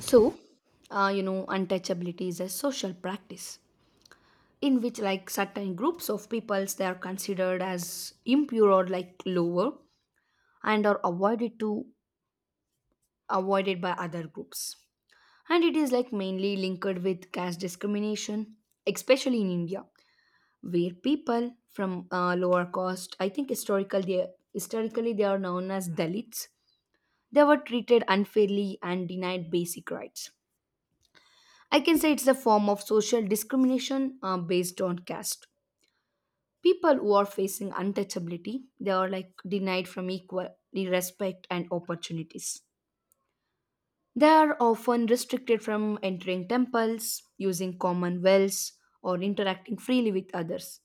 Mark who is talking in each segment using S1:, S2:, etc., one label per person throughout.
S1: So, Untouchability is a social practice in which, certain groups of peoples, they are considered as impure or like lower, and are avoided to avoided by other groups. And it is like mainly linked with caste discrimination, especially in India, where people from lower caste, I think, historically they are known as Dalits. They were treated unfairly and denied basic rights. I can say it's a form of social discrimination based on caste. People who are facing untouchability, they are like denied from equal respect and opportunities. They are often restricted from entering temples, using common wells, or interacting freely with others.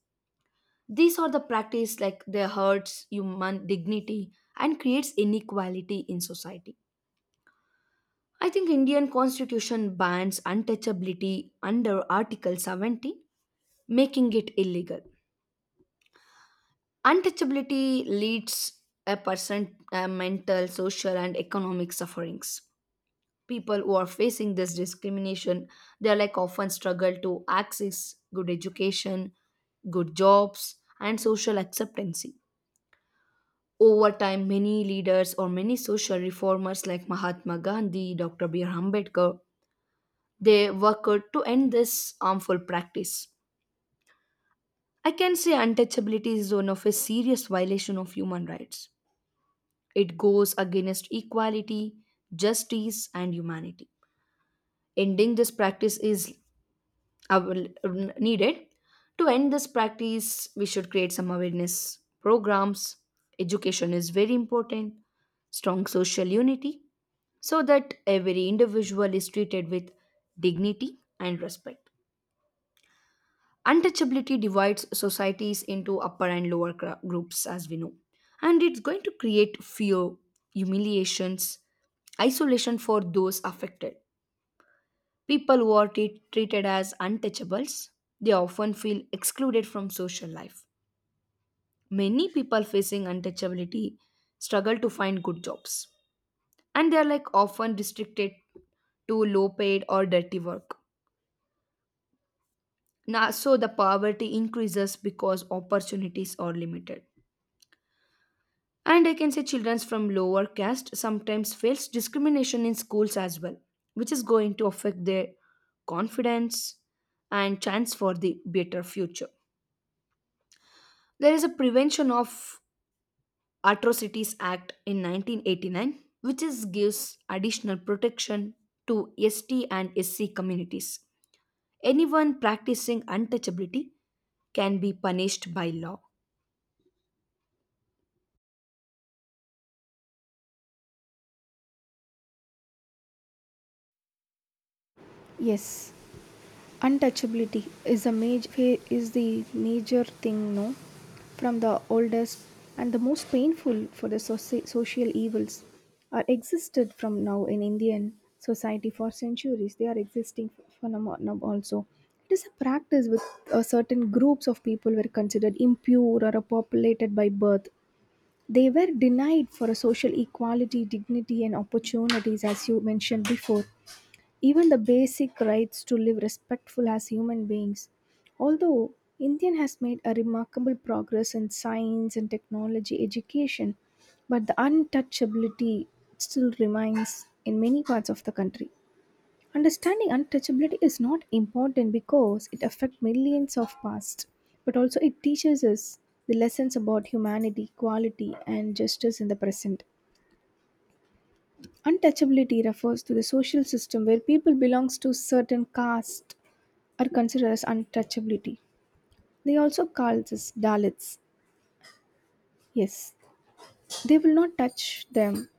S1: These are the practice like they hurts human dignity and creates inequality in society. I think Indian constitution bans untouchability under Article 70, making it illegal. Untouchability leads a person mental, social, and economic sufferings. People who are facing this discrimination, they are like often struggle to access good education, good jobs, and social acceptance. Over time, many leaders or many social reformers like Mahatma Gandhi, Dr. B. R. Ambedkar, they worked to end this harmful practice. I can say untouchability is one of a serious violation of human rights. It goes against equality, justice, and humanity. Ending this practice is av- needed. To end this practice, we should create some awareness programs. Education is very important, strong social unity, so that every individual is treated with dignity and respect. Untouchability divides societies into upper and lower groups, as we know, and it's going to create fear, humiliations, isolation for those affected. People who are treated as untouchables, they often feel excluded from social life. Many people facing untouchability struggle to find good jobs, and they are like often restricted to low paid or dirty work. Now, so the poverty increases because opportunities are limited. And I can say children from lower caste sometimes face discrimination in schools as well, which is going to affect their confidence and chance for the better future. There is a Prevention of Atrocities Act in 1989, which is gives additional protection to ST and SC communities. Anyone practicing untouchability can be punished by law.
S2: Yes, untouchability is a major thing no, from the oldest and the most painful. For the social evils are existed from now in Indian society for centuries, they are existing for now also. It is a practice with certain groups of people were considered impure or populated by birth. They were denied for a social equality, dignity and opportunities, as you mentioned before, even the basic rights to live respectful as human beings. Although India has made a remarkable progress in science and technology education, but the untouchability still remains in many parts of the country. Understanding untouchability is not important because it affects millions of past, but also it teaches us the lessons about humanity, equality, and justice in the present. Untouchability refers to the social system where people belongs to certain caste are considered as untouchability. They also call this Dalits. Yes, they will not touch them.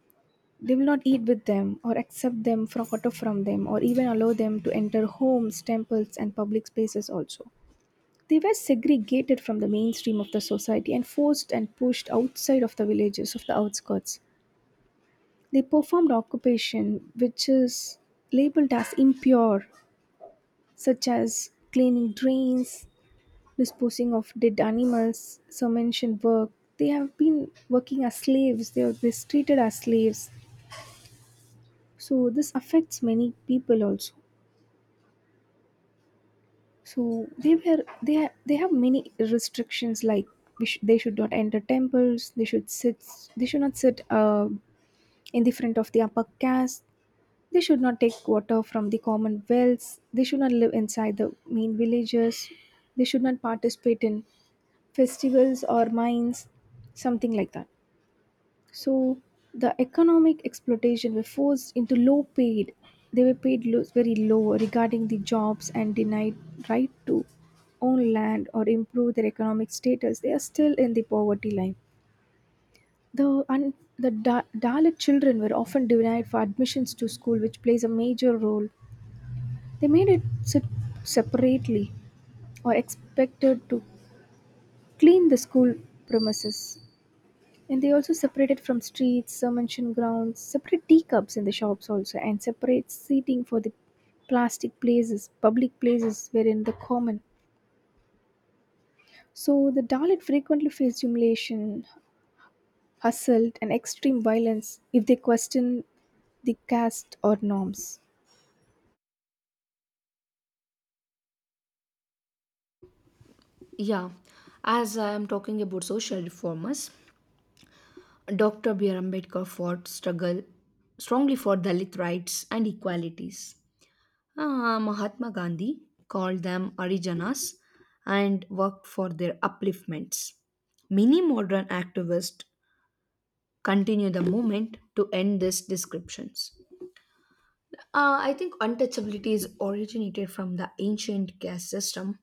S2: They will not eat with them or accept them for water from them, or even allow them to enter homes, temples, and public spaces also. They were segregated from the mainstream of the society and forced and pushed outside of the villages of the outskirts. They performed occupation which is labeled as impure, such as cleaning drains, disposing of dead animals, submission work. They have been working as slaves, they are mistreated as slaves. So this affects many people also. So they were, they have many restrictions, like they should not enter temples, they should sit, they should not sit in the front of the upper caste. They should not take water from the common wells. They should not live inside the main villages. They should not participate in festivals or mines, something like that. So the economic exploitation were forced into low paid. They were paid very low regarding the jobs and denied right to own land or improve their economic status. They are still in the poverty line. The un- the Dalit children were often denied for admissions to school, which plays a major role. They made it separately or expected to clean the school premises. And they also separated from streets, mention grounds, separate teacups in the shops also, and separate seating for the plastic places, public places wherein the common. So the Dalit frequently faced humiliation, assault, and extreme violence if they questioned the caste or norms.
S1: Yeah, as I am talking about social reformers, Dr. B.R. Ambedkar fought struggle strongly for Dalit rights and equalities. Ah, Mahatma Gandhi called them Arijanas and worked for their upliftments. Many modern activists continue the movement to end these descriptions. I think untouchability is originated from the ancient caste system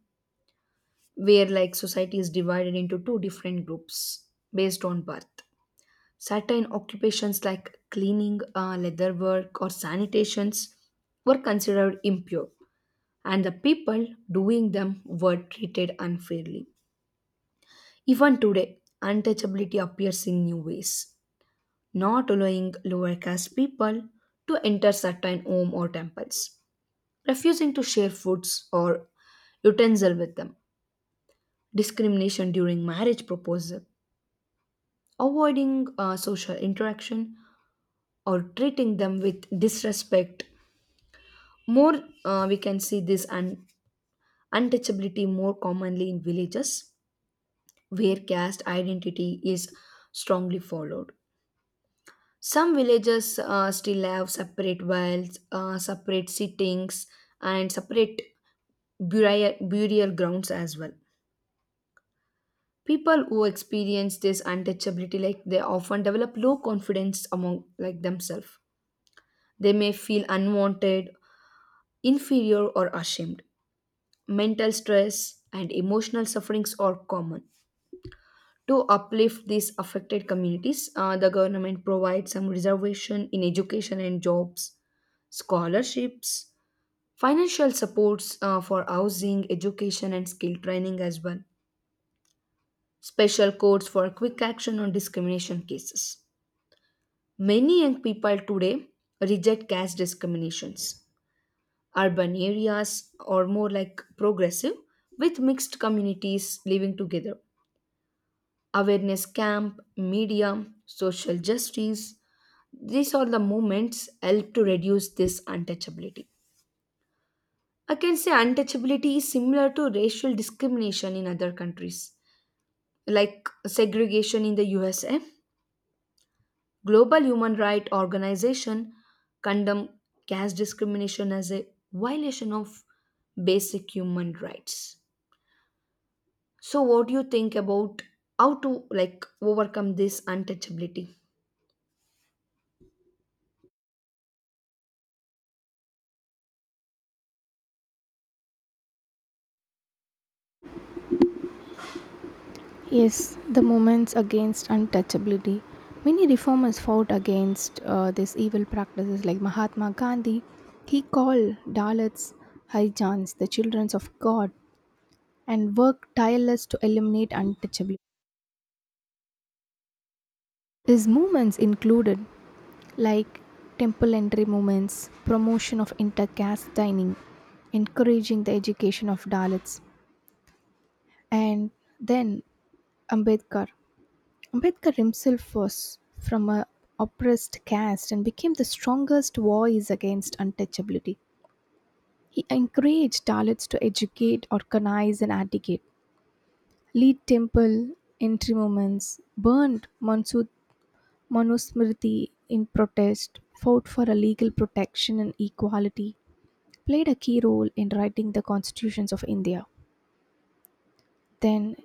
S1: where like society is divided into two different groups based on birth. Certain occupations like cleaning, leather work, or sanitations were considered impure, and the people doing them were treated unfairly. Even today, untouchability appears in new ways, not allowing lower caste people to enter certain home or temples, refusing to share foods or utensil with them, discrimination during marriage proposal, avoiding social interaction, or treating them with disrespect. More, we can see this untouchability more commonly in villages where caste identity is strongly followed. Some villages still have separate wells, separate sittings, and separate burial grounds as well. People who experience this untouchability, like they often develop low confidence among like themselves. They may feel unwanted, inferior, or ashamed. Mental stress and emotional sufferings are common. To uplift these affected communities, the government provides some reservation in education and jobs, scholarships, financial supports for housing, education, and skill training as well, special courts for quick action on discrimination cases. Many young people today reject caste discriminations. Urban areas are more like progressive, with mixed communities living together. Awareness camp, media, social justice. These are the movements help to reduce this untouchability. I can say untouchability is similar to racial discrimination in other countries, like segregation in the USA. Global human rights organization condemn caste discrimination as a violation of basic human rights. So, what do you think about how to like overcome this untouchability?
S2: Yes, the movements against untouchability. Many reformers fought against these evil practices, like Mahatma Gandhi. He called Dalits Haijans, the children of God, and work tireless to eliminate untouchability. His movements included like temple entry movements, promotion of inter-caste dining, encouraging the education of Dalits, and then Ambedkar. Ambedkar himself was from a oppressed caste and became the strongest voice against untouchability. He encouraged Dalits to educate, organize, and advocate, lead temple entry movements, burned Mansur Manusmriti, in protest, fought for a legal protection and equality, played a key role in writing the constitutions of India. Then,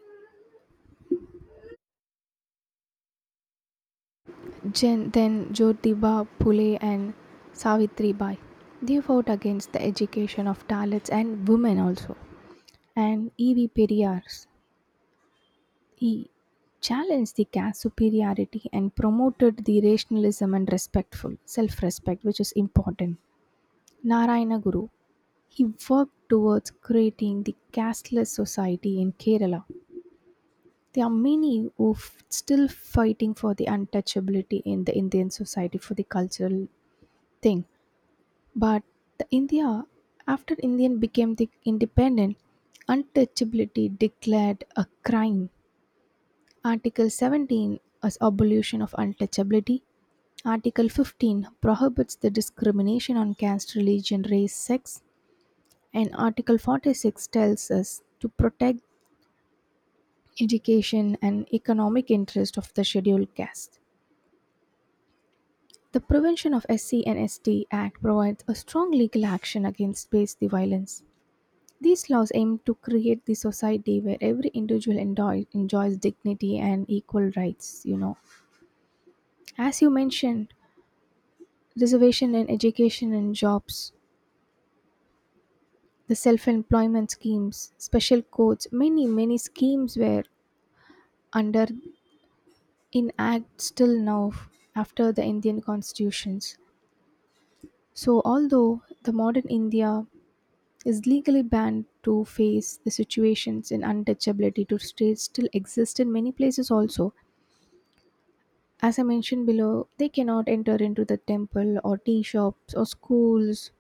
S2: then Jyotiba Phule and Savitri Bai. They fought against the education of Dalits and women also. And E.V. Periyar, he challenged the caste superiority and promoted the rationalism and respectful self-respect, which is important. Narayana Guru, he worked towards creating the casteless society in Kerala. There are many who still fighting for the untouchability in the Indian society for the cultural thing. But the India, after Indian became the independent, untouchability declared a crime. Article 17 is abolition of untouchability. Article 15 prohibits the discrimination on caste, religion, race, sex, and Article 46 tells us to protect education and economic interest of the scheduled caste. The Prevention of SC and ST Act provides a strong legal action against based violence. These laws aim to create the society where every individual enjoys dignity and equal rights, you know. As you mentioned, reservation in education and jobs, the self-employment schemes, special codes, many many schemes were under in act still now after the Indian constitutions. So, although the modern India is legally banned to face the situations in untouchability to states, still exist in many places also. As I mentioned below, they cannot enter into the temple or tea shops or schools.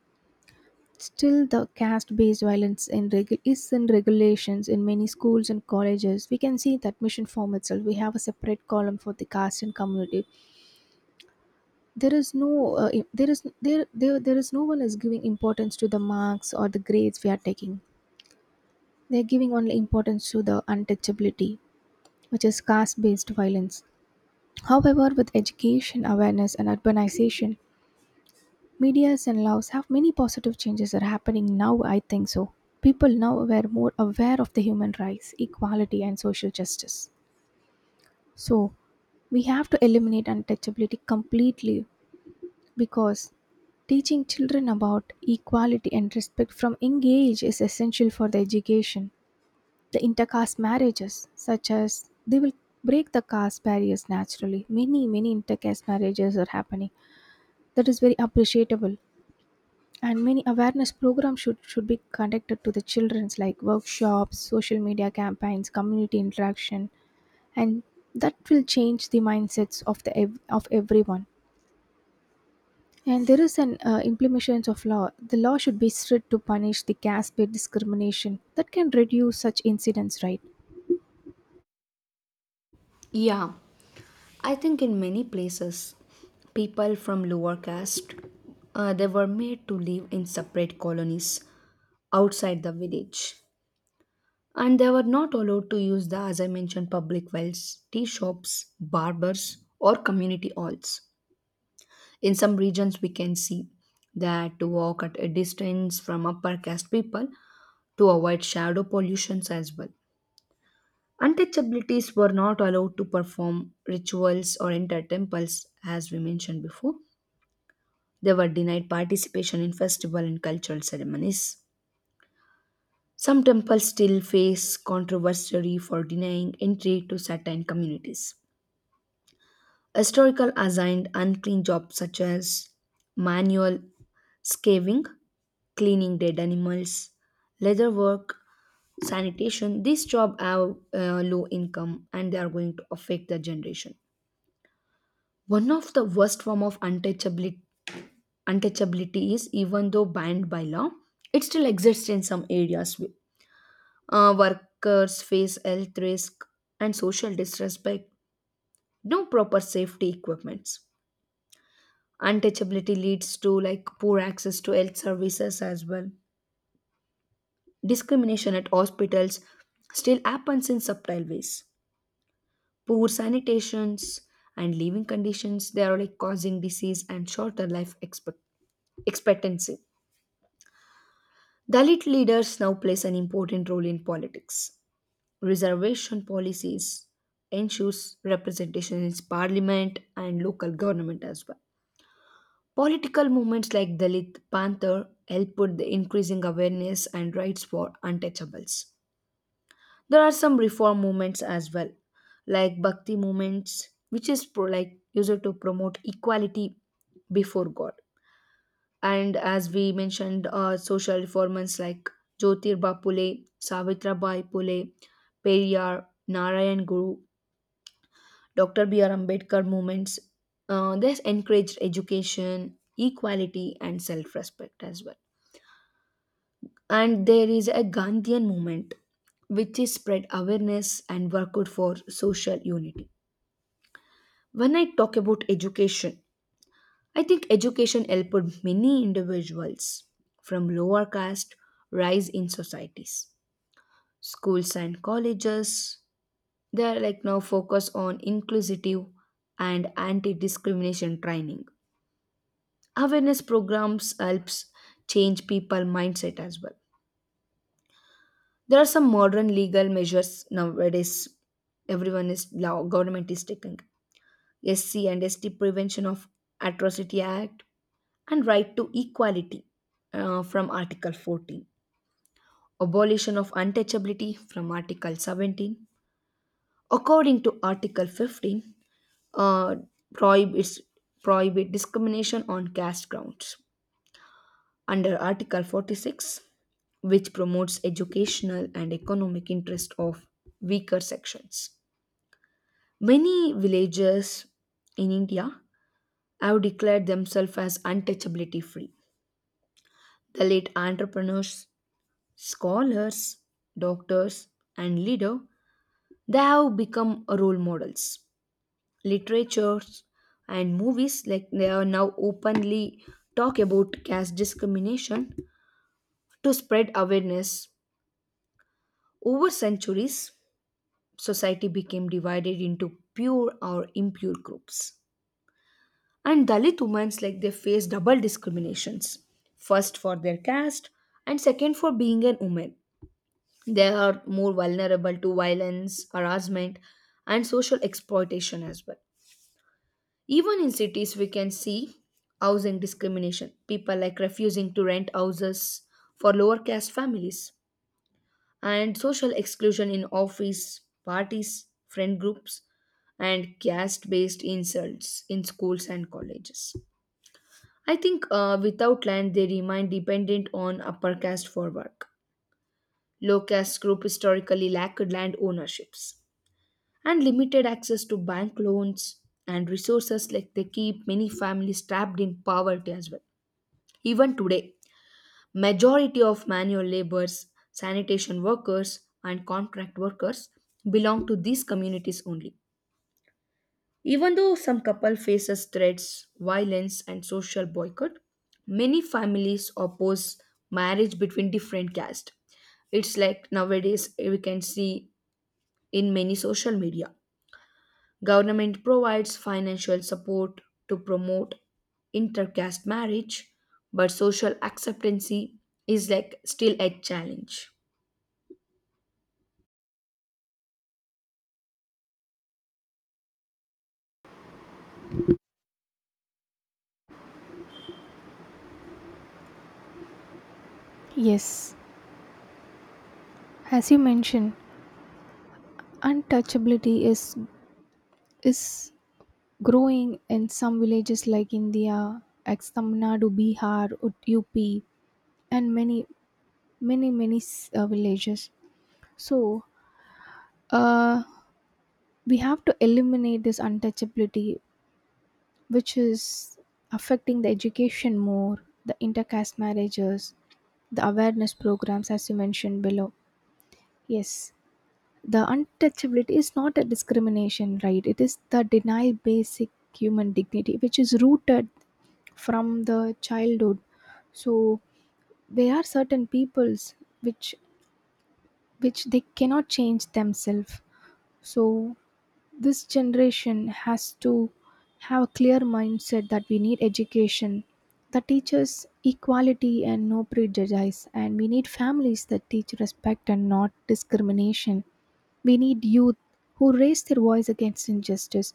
S2: Still, the caste-based violence is in regulations in many schools and colleges. We can see that mission form itself. We have a separate column for the caste and community. There is no, I- there is there, there there is no one is giving importance to the marks or the grades we are taking. They are giving only importance to the untouchability, which is caste based violence. However, with education, awareness, and urbanization, medias and laws have many positive changes are happening now, I think so. People now are more aware of the human rights, equality, and social justice. So, we have to eliminate untouchability completely because teaching children about equality and respect from young age is essential for their education. The intercaste marriages, such as they will break the caste barriers naturally. Many, many intercaste marriages are happening. That is very appreciable. And many awareness programs should be conducted to the children's, like workshops, social media campaigns, community interaction, and that will change the mindsets of everyone. And there is an implementation of law. The law should be strict to punish the caste-based discrimination that can reduce such incidents, right?
S1: Yeah, I think in many places, people from lower caste they were made to live in separate colonies outside the village, and they were not allowed to use the, as I mentioned, public wells, tea shops, barbers, or community halls. In some regions, we can see that to walk at a distance from upper caste people to avoid shadow pollutions as well. Untouchabilities were not allowed to perform rituals or enter temples, as we mentioned before. They were denied participation in festival and cultural ceremonies. Some temples still face controversy for denying entry to certain communities. Historical assigned unclean jobs such as manual scavenging, cleaning dead animals, leather work, sanitation. These jobs have low income and they are going to affect the generation. One of the worst form of untouchability is even though banned by law, it still exists in some areas. Workers face health risk and social disrespect. No proper safety equipments. Untouchability leads to like poor access to health services as well. Discrimination at hospitals still happens in subtle ways. Poor sanitations and living conditions they are like causing disease and shorter life expectancy. Dalit leaders now plays an important role in politics. Reservation policies ensures representation in parliament and local government as well. Political movements like Dalit Panther help put the increasing awareness and rights for untouchables. There are some reform movements as well, like Bhakti movements, which is like used to promote equality before God. And as we mentioned, social reformers like Jyotirba Pule, Savitrabai Pule, Periyar, Narayan Guru, Dr. B.R. Ambedkar movements. This encouraged education, equality, and self respect as well. And there is a Gandhian movement which is spread awareness and work out for social unity. When I talk about education, I think education helped many individuals from lower caste rise in societies. Schools and colleges, they are like now focus on inclusive and anti discrimination training. Awareness programs helps change people mindset as well. There are some modern legal measures nowadays. Everyone is law government is taking SC and ST Prevention of Atrocity Act and Right to Equality from Article 14, Abolition of Untouchability from Article 17. According to Article 15, uh, prohibits prohibit discrimination on caste grounds under Article 46, which promotes educational and economic interest of weaker sections. Many villages in India have declared themselves as untouchability free. The late entrepreneurs, scholars, doctors, and leaders, they have become role models. Literatures and movies like they are now openly talk about caste discrimination to spread awareness over centuries society became divided into pure or impure groups. And Dalit women like they face double discriminations. First for their caste and second for being an woman. They are more vulnerable to violence, harassment, and social exploitation as well. Even in cities, we can see housing discrimination. People like refusing to rent houses for lower caste families, and social exclusion in office, parties, friend groups, and caste based insults in schools and colleges. I think without land, they remain dependent on upper caste for work. Low caste group historically lacked land ownerships and limited access to bank loans and resources like they keep many families trapped in poverty as well. Even today, majority of manual laborers sanitation workers and contract workers belong to these communities only even though some couple faces threats violence and social boycott many families oppose marriage between different castes. It's like nowadays we can see in many social media government provides financial support to promote intercaste marriage, but social acceptancy is like still a challenge.
S2: Yes, as you mentioned, untouchability is growing in some villages like India, ex Tamil Nadu, Bihar, UP, and many many villages. So uh, we have to eliminate this untouchability, which is affecting the education more, the intercaste marriages, the awareness programs, as you mentioned below. Yes, the untouchability is not a discrimination, right? It is the denial basic human dignity which is rooted from the childhood. So there are certain peoples which which they cannot change themselves. So this generation has to have a clear mindset that we need education that teaches equality and no prejudice, and we need families that teach respect and not discrimination. We need youth who raise their voice against injustice.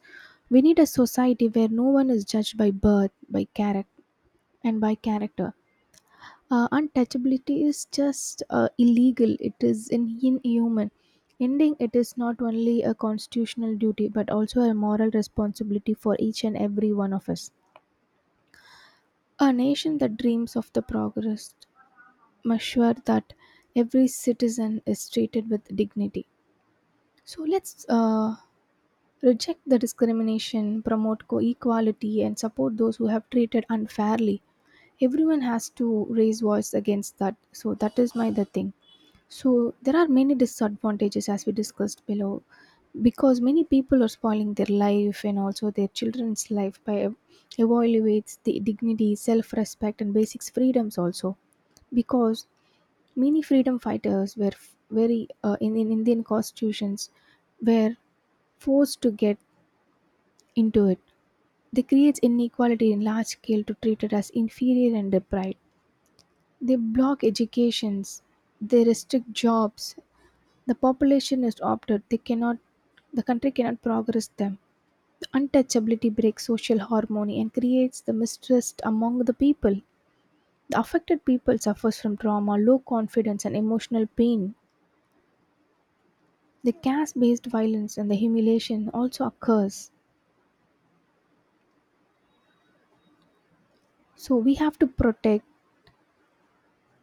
S2: We need a society where no one is judged by birth, by character, and by character. Untouchability is just illegal. It is inhuman. Ending it is not only a constitutional duty but also a moral responsibility for each and every one of us. A nation that dreams of the progress must sure that every citizen is treated with dignity. So let's reject the discrimination, promote equality, and support those who have treated unfairly. Everyone has to raise voice against that. So that is my the thing. So there are many disadvantages as we discussed below, because many people are spoiling their life and also their children's life by evaluates the dignity, self-respect, and basic freedoms also, because many freedom fighters were very in Indian constitutions were forced to get into it. They create inequality in large scale to treat it as inferior and deprived. They block educations, they restrict jobs. The population is opted, they cannot. The country cannot progress them. The untouchability breaks social harmony and creates the mistrust among the people. The affected people suffers from trauma, low confidence and emotional pain. The caste-based violence and the humiliation also occurs. So we have to protect,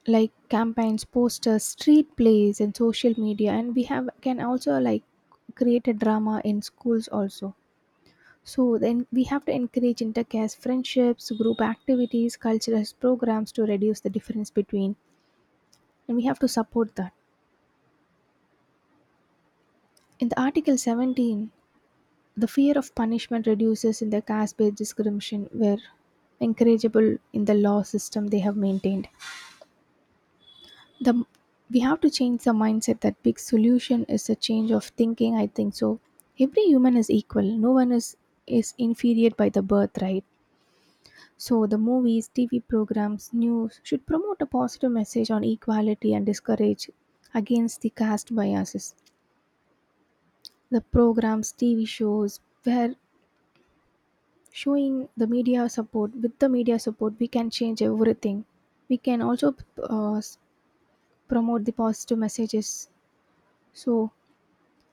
S2: like campaigns, posters, street plays and social media, and we have can also like create a drama in schools also. So then we have to encourage intercaste friendships, group activities, cultural programs to reduce the difference between, and we have to support that in the Article 17. The fear of punishment reduces in the caste based discrimination where encourageable in the law system they have maintained the, we have to change the mindset that big solution is a change of thinking, I think so. Every human is equal, no one is inferior by the birth, right? So the movies, TV programs, news should promote a positive message on equality and discourage against the caste biases. The programs, TV shows where showing the media support, with the media support we can change everything. We can also uh, promote the positive messages. So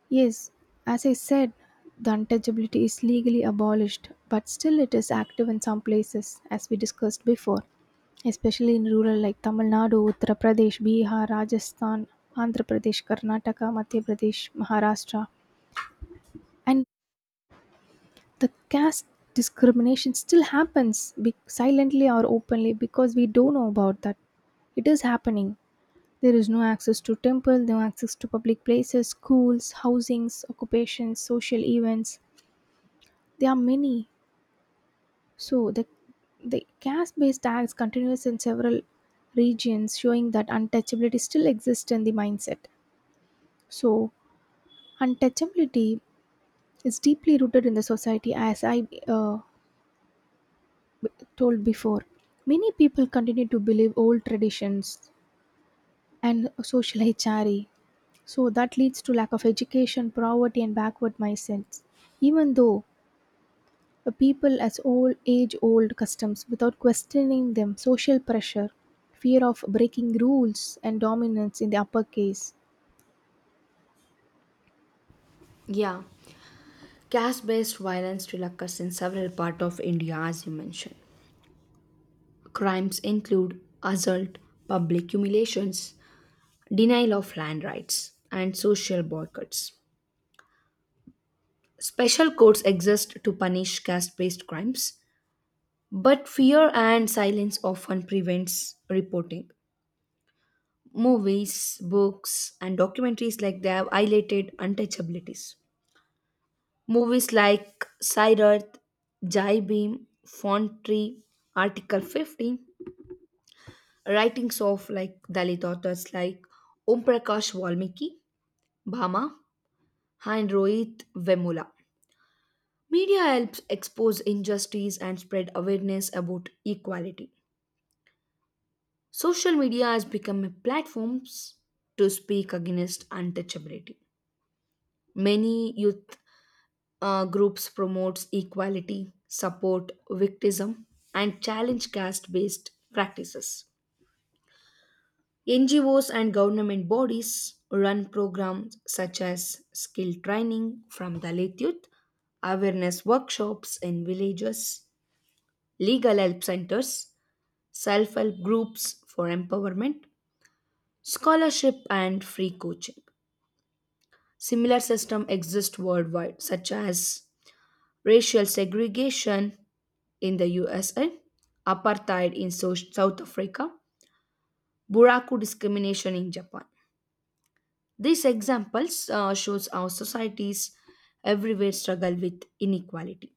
S2: yes, as I said, the untouchability is legally abolished, but still it is active in some places, as we discussed before, especially in rural like Tamil Nadu, Uttar Pradesh, Bihar, Rajasthan, Andhra Pradesh, Karnataka, Madhya Pradesh, Maharashtra. And the caste discrimination still happens silently or openly because we don't know about that. It is happening. There is no access to temple, no access to public places, schools, housings, occupations, social events. There are many. So the caste-based tax continues in several regions, showing that untouchability still exists in the mindset. So untouchability is deeply rooted in the society, as I told before. Many people continue to believe old traditions and social hierarchy. So that leads to lack of education, poverty, and backward mindsets. Even though people as old age-old customs without questioning them, social pressure, fear of breaking rules, and dominance in the uppercase.
S1: Yeah, caste based violence still occurs in several parts of India, as you mentioned. Crimes include assault, public humiliations, denial of land rights, and social boycotts. Special courts exist to punish caste based crimes, but fear and silence often prevents reporting. Movies, books, and documentaries like they have highlighted untouchabilities. Movies like Siddharth, Jai Bhim, Tree, Article 15, writings of like Dalit authors like Om Prakash Valmiki, Bhama, and Rohit Vemula. Media helps expose injustice and spread awareness about equality. Social media has become a platform to speak against untouchability. Many youth groups promotes equality support victimism and challenge caste based practices. NGOs and government bodies run programs such as skill training from Dalit youth, awareness workshops in villages, legal help centers, self-help groups for empowerment, scholarship and free coaching. Similar systems exist worldwide such as racial segregation in the USA, apartheid in South Africa, Buraku discrimination in Japan. These examples shows how societies everywhere struggle with inequality.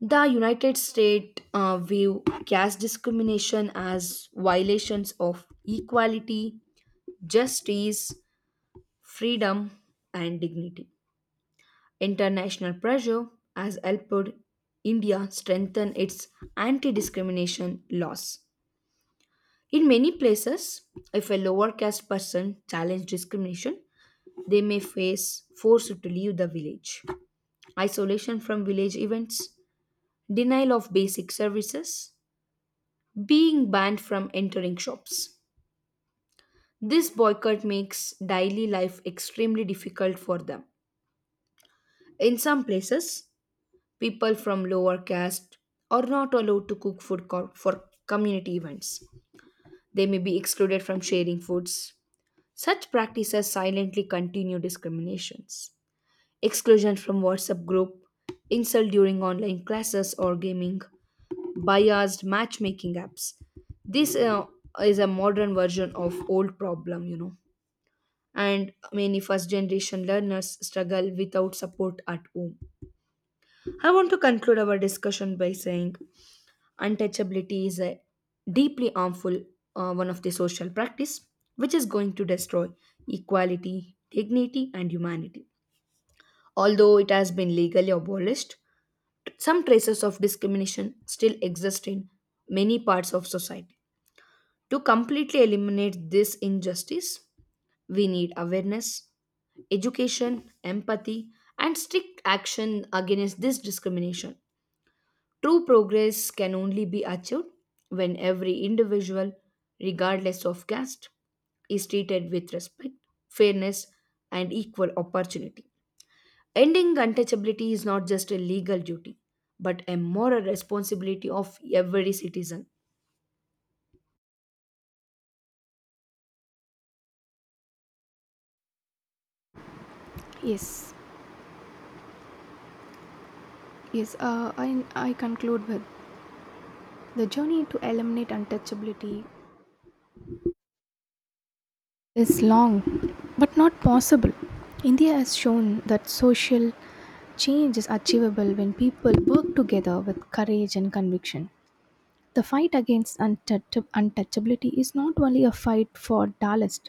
S1: The United States view caste discrimination as violations of equality, justice, freedom, and dignity. International pressure has helped India strengthen its anti discrimination laws. In many places, if a lower caste person challenges discrimination, they may face forced to leave the village, isolation from village events, denial of basic services, being banned from entering shops. This boycott makes daily life extremely difficult for them. In some places, people from lower caste are not allowed to cook food for community events. They may be excluded from sharing foods. Such practices silently continue discriminations. Exclusion from WhatsApp group, insult during online classes or gaming, biased matchmaking apps. This is a modern version of old problem, you know. And many first generation learners struggle without support at home. I want to conclude our discussion by saying untouchability is a deeply harmful one of the social practice which is going to destroy equality dignity and humanity. Although it has been legally abolished, some traces of discrimination still exist in many parts of society. To completely eliminate this injustice, we need awareness, education, empathy, and strict action against this discrimination. True progress can only be achieved when every individual, regardless of caste, is treated with respect, fairness, and equal opportunity. Ending untouchability is not just a legal duty, but a moral responsibility of every citizen.
S2: Yes, yes, I conclude with the journey to eliminate untouchability is long but not possible. India has shown that social change is achievable when people work together with courage and conviction. The fight against untouchability is not only a fight for Dallas,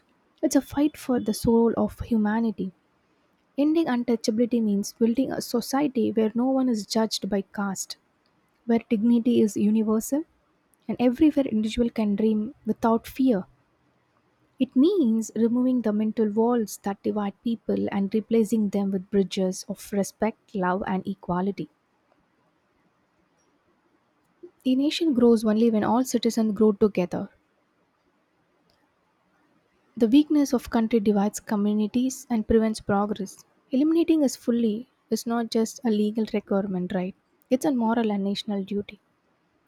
S2: it's a fight for the soul of humanity. Ending untouchability means building a society where no one is judged by caste, where dignity is universal, and everywhere individual can dream without fear. It means removing the mental walls that divide people and replacing them with bridges of respect, love, and equality. A nation grows only when all citizens grow together. The weakness of country divides communities and prevents progress. Eliminating us fully is not just a legal requirement, right? It's a moral and national duty.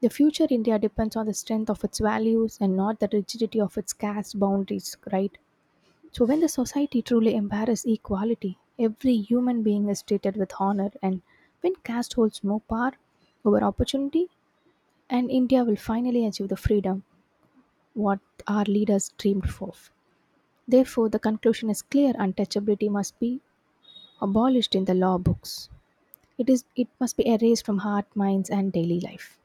S2: The future India depends on the strength of its values and not the rigidity of its caste boundaries, right? So when the society truly embraces equality, every human being is treated with honor, and when caste holds no power over opportunity, and India will finally achieve the freedom what our leaders dreamed for. Therefore, the conclusion is clear, untouchability must be abolished in the law books. It must be erased from heart, minds, and daily life.